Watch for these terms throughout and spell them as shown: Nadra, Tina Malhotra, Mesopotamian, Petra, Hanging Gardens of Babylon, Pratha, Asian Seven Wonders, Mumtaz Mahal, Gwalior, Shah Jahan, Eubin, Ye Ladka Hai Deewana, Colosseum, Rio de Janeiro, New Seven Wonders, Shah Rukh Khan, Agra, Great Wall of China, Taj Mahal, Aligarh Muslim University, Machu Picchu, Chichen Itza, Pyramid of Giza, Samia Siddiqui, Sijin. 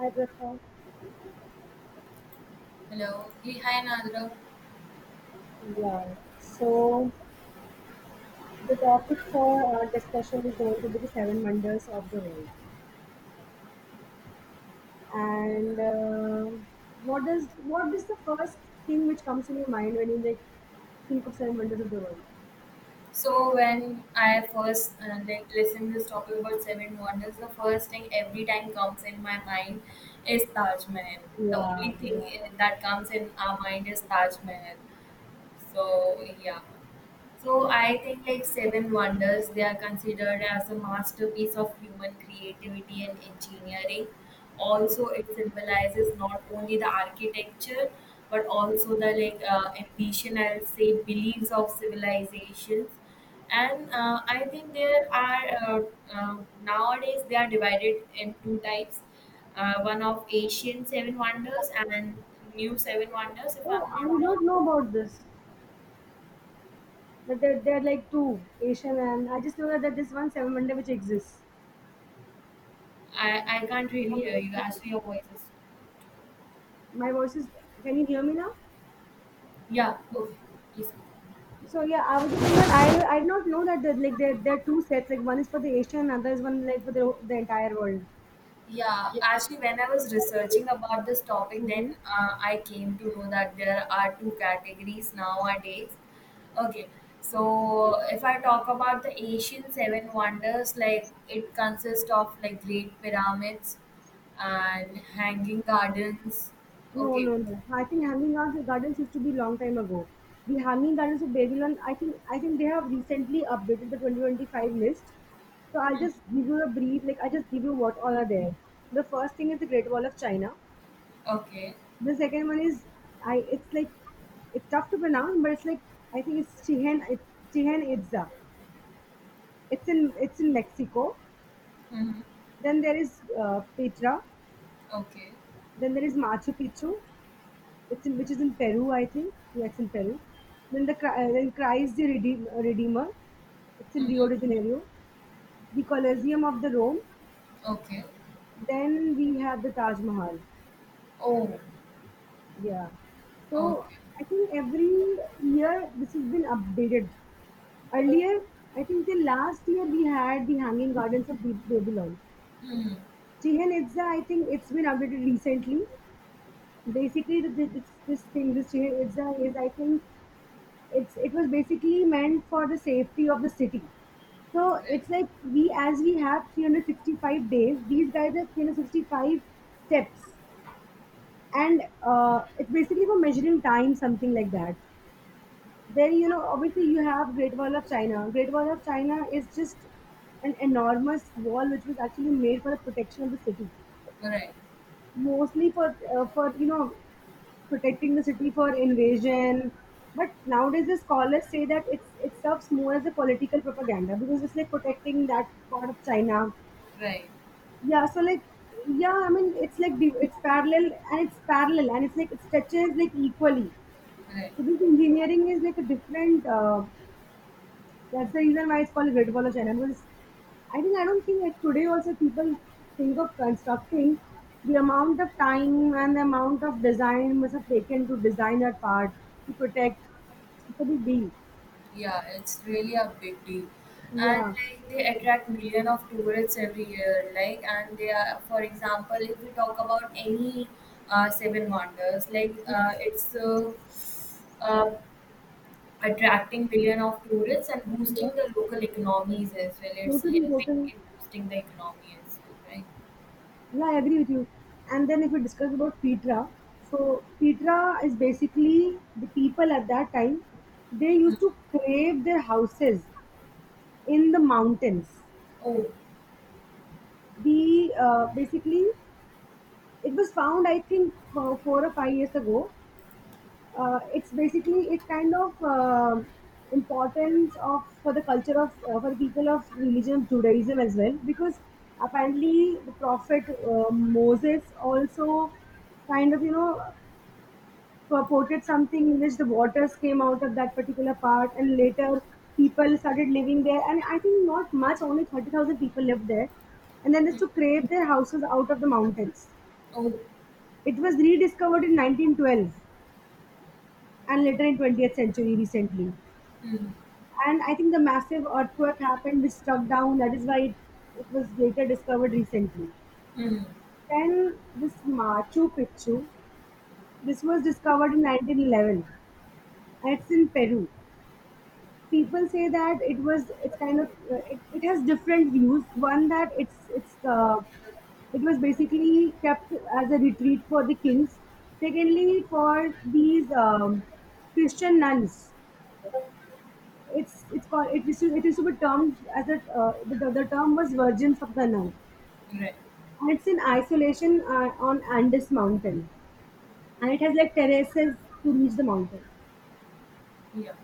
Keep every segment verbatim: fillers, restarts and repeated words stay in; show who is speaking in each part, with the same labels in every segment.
Speaker 1: Hi, Pratha.
Speaker 2: Hello. Hey, hi, Nadra.
Speaker 1: Yeah. So the topic for our discussion is going to be the seven wonders of the world. And uh, what does what is the first thing which comes in your mind when you like think of seven wonders of the world?
Speaker 2: So when I first uh, like listen this topic about seven wonders, the first thing every time comes in my mind is Taj Mahal. The only
Speaker 1: Yeah,
Speaker 2: thing
Speaker 1: yeah.
Speaker 2: i- that comes in our mind is Taj Mahal. So yeah. So I think like Seven Wonders, they are considered as a masterpiece of human creativity and engineering. Also, it symbolizes not only the architecture but also the like uh, ambition, I'll say, beliefs of civilizations. And uh, I think there are uh, uh, nowadays they are divided in two types. Uh, one of Asian Seven Wonders and New Seven Wonders, if
Speaker 1: Oh,
Speaker 2: I'm
Speaker 1: I
Speaker 2: not
Speaker 1: did
Speaker 2: wrong.
Speaker 1: not know about this. That there, there are like two Asian, and I just know that there's one seven wonder which exists.
Speaker 2: I, I can't really hear you. Actually, your voice is.
Speaker 1: My voice is. Can you hear me now?
Speaker 2: Yeah, okay. Please.
Speaker 1: So yeah, I was just saying that I I did not know that there, like there there are two sets like one is for the Asia and another is one like for the the entire world.
Speaker 2: Yeah, actually, when I was researching about this topic, then
Speaker 1: Hmm
Speaker 2: uh, I came to know that there are two categories nowadays. Okay, so if I talk about the Asian seven wonders, like it consists of like great pyramids and hanging gardens.
Speaker 1: No,
Speaker 2: Okay.
Speaker 1: no, no. I think Hanging Out the Gardens used to be long time ago. The Hanging Gardens of Babylon, I think I think they have recently updated the twenty twenty-five list. So I'll
Speaker 2: Mhm.
Speaker 1: just give you a brief, like I'll just give you what all are there. The first thing is the Great Wall of China.
Speaker 2: Okay.
Speaker 1: The second one is I. It's like it's tough to pronounce, but it's like I think it's Chichen Chichen Itza. It's in it's in Mexico.
Speaker 2: Hmm.
Speaker 1: Then there is uh, Petra.
Speaker 2: Okay.
Speaker 1: Then there is Machu Picchu. It's in, which is in Peru, I think. Yeah, it's in Peru. Then the Chri- uh, then Christ the Redeem, Redeemer. It's in
Speaker 2: Hmm.
Speaker 1: Rio de Janeiro. The Colosseum of the Rome.
Speaker 2: Okay.
Speaker 1: Then we have the Taj Mahal.
Speaker 2: Oh,
Speaker 1: Yeah. So
Speaker 2: okay.
Speaker 1: I think every year this has been updated. Earlier, I think till last year we had the Hanging Gardens of Ba- Babylon.
Speaker 2: Hmm.
Speaker 1: Chichen Itza, I think it's been updated recently. Basically th- this this thing this chair it's a, is I think it's it was basically meant for the safety of the city. So it's like we as we have three hundred sixty-five days, these guys have three hundred sixty-five steps, and uh, it's basically for measuring time, something like that. Then you know obviously you have great wall of china. Great wall of china is just an enormous wall which was actually made for the protection of the city,
Speaker 2: Right, right,
Speaker 1: mostly for uh, for you know protecting the city for invasion. But nowadays, the scholars say that it's it serves more as a political propaganda because it's like protecting that part of China.
Speaker 2: right,
Speaker 1: Yeah, so like yeah, I mean it's like div- it's parallel and it's parallel and it's like it touches like equally.
Speaker 2: right.
Speaker 1: So this engineering is like a different uh, that's the reason why it's called Great Wall of China. Because I think I don't think that today also people think of constructing the amount of time and the amount of design must have taken to design that part to protect. It's a big deal.
Speaker 2: Yeah, it's really a big deal. And
Speaker 1: Yeah.
Speaker 2: like they attract million of tourists every year. Like and they are, for example, if we talk about any uh, seven wonders, like uh, it's uh, uh, attracting million of tourists and boosting
Speaker 1: Yeah.
Speaker 2: the local economies as well. It's
Speaker 1: Totally,
Speaker 2: helping
Speaker 1: totally.
Speaker 2: in boosting the economy as well, right?
Speaker 1: Yeah, I agree with you. And then if we discuss about Petra, so Petra is basically the people at that time, they used to crave their houses in the mountains.
Speaker 2: Oh.
Speaker 1: The uh, basically It was found, I think, for four or five years ago. Uh, it's basically it's kind of um importance of for the culture of uh, for the people of religion of Judaism as well, because apparently the prophet uh, Moses also kind of you know purported something in which the waters came out of that particular part, and later people started living there, and I think not much only thirty thousand people lived there, and then they is
Speaker 2: Hmm.
Speaker 1: to create their houses out of the mountains.
Speaker 2: Oh.
Speaker 1: It was rediscovered in nineteen twelve and later in twentieth century recently.
Speaker 2: Hmm.
Speaker 1: And I think the massive earthquake happened which struck down. That is why it, it was later discovered recently.
Speaker 2: Hmm.
Speaker 1: Then this Machu Picchu, this was discovered in nineteen eleven. And it's in Peru. People say that it was it's kind of uh, it, it has different views. One that it's it's uh, it was basically kept as a retreat for the kings. Secondly for these um, christian nuns, it's it's called it is to- it is to be termed as a uh, the, the term was virgins of the nun.
Speaker 2: Right.
Speaker 1: And it's in isolation uh, on andes mountain, and it has like terraces to reach the mountain.
Speaker 2: Yeah.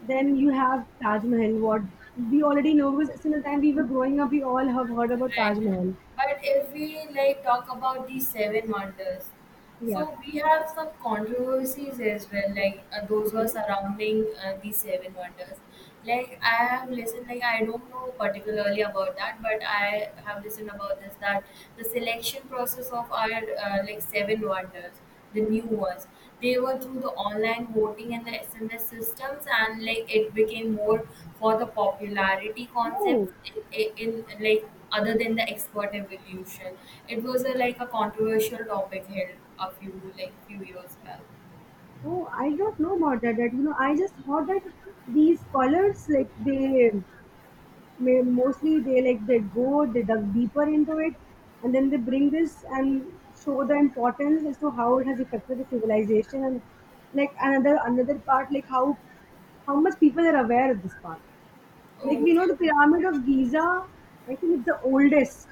Speaker 1: Then you have Taj Mahal, what we already know because since the time we were growing up, we all have heard about
Speaker 2: Right.
Speaker 1: Taj Mahal.
Speaker 2: But if we like talk about these seven wonders,
Speaker 1: Yeah.
Speaker 2: so we have some controversies as well, like uh, those who are
Speaker 1: Okay.
Speaker 2: surrounding uh, these seven wonders. Like I have listened, like I don't know particularly about that, but I have listened about this that the selection process of our uh, like seven wonders, the new ones, they were through the online voting and the S M S systems, and like it became more for the popularity
Speaker 1: Oh,
Speaker 2: concepts in, in, in like other than the expert evolution. It was a, like a controversial topic held a few like few years back.
Speaker 1: oh, I don't know about that. That you know, I just thought that these colors, like they may mostly they like they go they dug deeper into it, and then they bring this and show the importance as to how it has affected the civilization and like another another part like how how much people are aware of this part. Like we
Speaker 2: Okay.
Speaker 1: know the Pyramid of Giza, I think it's the oldest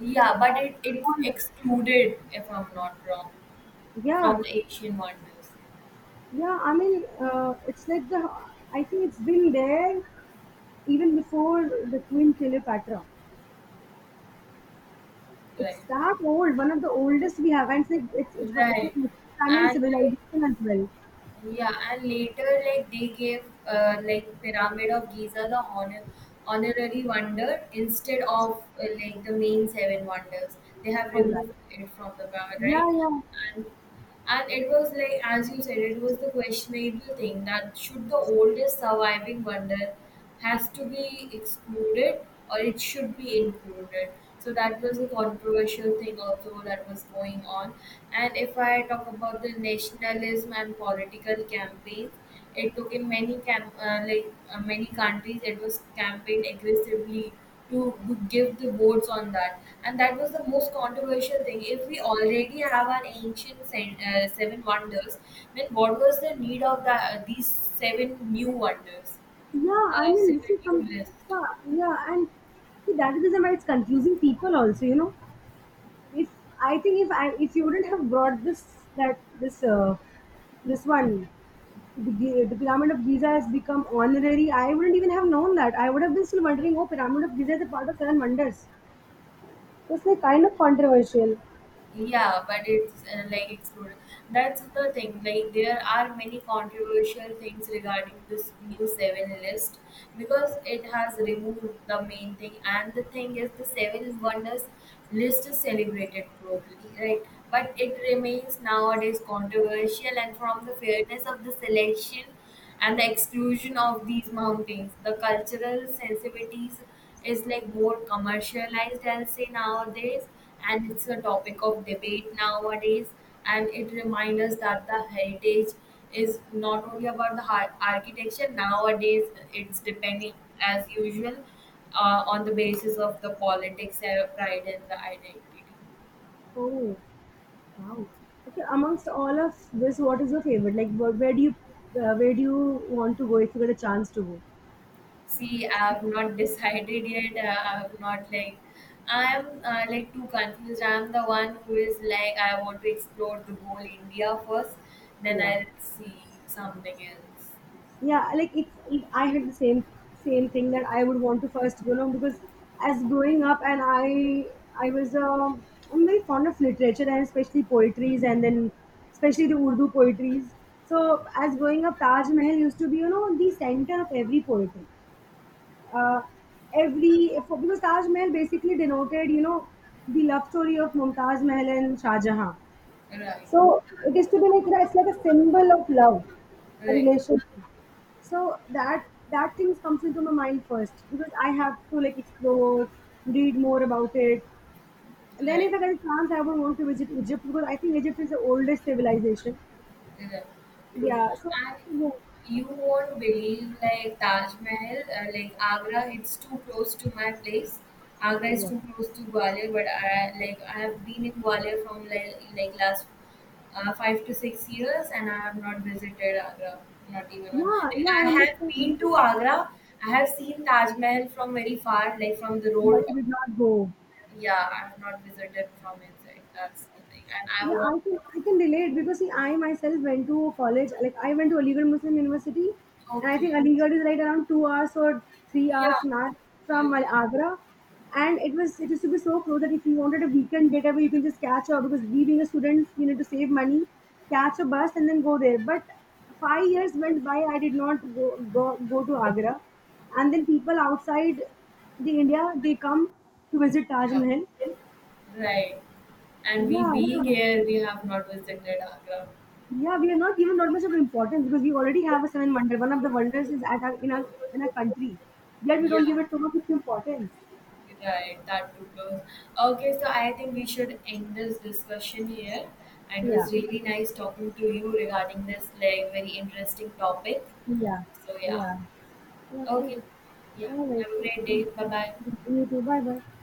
Speaker 2: Yeah, but
Speaker 1: of
Speaker 2: it it
Speaker 1: all the.
Speaker 2: excluded, if I'm not wrong, from
Speaker 1: Yeah,
Speaker 2: the Asian wonders.
Speaker 1: yeah. I mean, uh, it's like the. I think it's been there even before the Queen Cleopatra.
Speaker 2: Right.
Speaker 1: It's that old, one of the oldest we have, and it's like it's it's, it's
Speaker 2: Right.
Speaker 1: like Mesopotamian
Speaker 2: And like
Speaker 1: civilization as well.
Speaker 2: yeah, and later, like they gave uh, like Pyramid of Giza the honor honorary wonder instead of uh, like the main seven wonders. They have
Speaker 1: All right.
Speaker 2: removed it from the pyramid, right?
Speaker 1: Yeah, yeah,
Speaker 2: And and it was like as you said, it was the questionable thing that should the oldest surviving wonder has to be excluded or it should be included. So that was a controversial thing also that was going on. And if I talk about the nationalism and political campaigns, it took in many camp uh, like uh, many countries it was campaigned aggressively to to give the votes on that and that was the most controversial thing if we already have our ancient sen- uh, seven wonders then what was the need of the, uh, these seven new wonders
Speaker 1: yeah. I
Speaker 2: the
Speaker 1: mean, this is
Speaker 2: seventy
Speaker 1: some.
Speaker 2: list.
Speaker 1: Yeah, yeah, and see, that is the reason why it's confusing people also. You know, if I think if I if you wouldn't have brought this that this uh, this one the, Gi- the pyramid of Giza has become honorary. I wouldn't even have known that. I would have been still wondering, oh, pyramid of Giza is a part of seven wonders. So it's like kind of controversial.
Speaker 2: Yeah, but it's uh, like exploded. That's the thing. Like there are many controversial things regarding this new seven list because it has removed the main thing. And the thing is, the seven wonders list is celebrated globally, right? But it remains nowadays controversial. And from the fairness of the selection and the exclusion of these mountains. The cultural sensitivities is like more commercialized, I'll say nowadays, and it's a topic of debate nowadays. And it reminds us that the heritage is not only about the har- architecture nowadays. It's depending as usual uh, on the basis of the politics, uh, pride, and the identity.
Speaker 1: Oh, wow. Okay, amongst all of this, what is your favorite? Like, wh- where do you uh, where do you want to go if you get a chance to go?
Speaker 2: See, I've not decided yet. Uh, I've not like, I'm uh, like too confused. I'm the one who is like, I want to explore the whole India first, then
Speaker 1: Yeah.
Speaker 2: I'll see something else.
Speaker 1: Yeah like if, if I had the same same thing that I would want to first you know because as growing up and i I was um I'm very fond of literature and especially poetries and then especially the urdu poetries. So as growing up taj mahal used to be you know the center of every poetry, uh, every for, because taj mahal basically denoted you know the love story of mumtaz mahal and shah jahan.
Speaker 2: Right,
Speaker 1: So it is to be like you know, it's like a symbol of love, a
Speaker 2: right,
Speaker 1: relationship. So that that things comes into my mind first because I have to like explore, read more about it. And then
Speaker 2: right.
Speaker 1: if I get a chance, I would want to visit Egypt because I think Egypt is the oldest civilization.
Speaker 2: Yeah, true.
Speaker 1: Yeah. So
Speaker 2: And
Speaker 1: yeah,
Speaker 2: you won't believe like Taj Mahal, uh, like Agra, it's too close to my place. Agra is
Speaker 1: yeah,
Speaker 2: too close to Gwalior, but I like I have been in Gwalior from like, like last uh, five to six years, and I have not visited Agra, not even one. Like,
Speaker 1: yeah. I
Speaker 2: I have
Speaker 1: understand,
Speaker 2: been to Agra. I have seen Taj Mahal from very far, like from the
Speaker 1: but
Speaker 2: road.
Speaker 1: I did not go.
Speaker 2: Yeah, I have not visited from inside. That's the thing, and I
Speaker 1: Yeah, I
Speaker 2: want.
Speaker 1: can I can relate because see, I myself went to college. Like I went to Aligarh Muslim University, and I think
Speaker 2: Okay.
Speaker 1: Aligarh is right around two hours or three hours
Speaker 2: Yeah.
Speaker 1: max from my Agra. And it was it used to be so close that if you wanted a weekend getaway, you can just catch up because we being a student, you know, to save money, catch a bus and then go there. But five years went by, I did not go go, go to Agra, and then people outside the India they come to visit Taj Mahal.
Speaker 2: Right. And we
Speaker 1: Yeah.
Speaker 2: being here, we have not visited Agra.
Speaker 1: Yeah, we are not given that much of importance because we already have a seven wonder. One of the wonders is at our, in our in our country, yet we don't
Speaker 2: Yeah,
Speaker 1: give it so much of importance.
Speaker 2: right. That too close. Okay, so I think we should end this discussion here. And it
Speaker 1: Yeah,
Speaker 2: was really nice talking to you regarding this like very interesting topic.
Speaker 1: yeah,
Speaker 2: So yeah.
Speaker 1: yeah, yeah. All
Speaker 2: Okay.
Speaker 1: right,
Speaker 2: Yeah.
Speaker 1: all right.
Speaker 2: Have a great
Speaker 1: Mm-hmm.
Speaker 2: day. Bye bye.
Speaker 1: Yeah, you too. Bye, bye.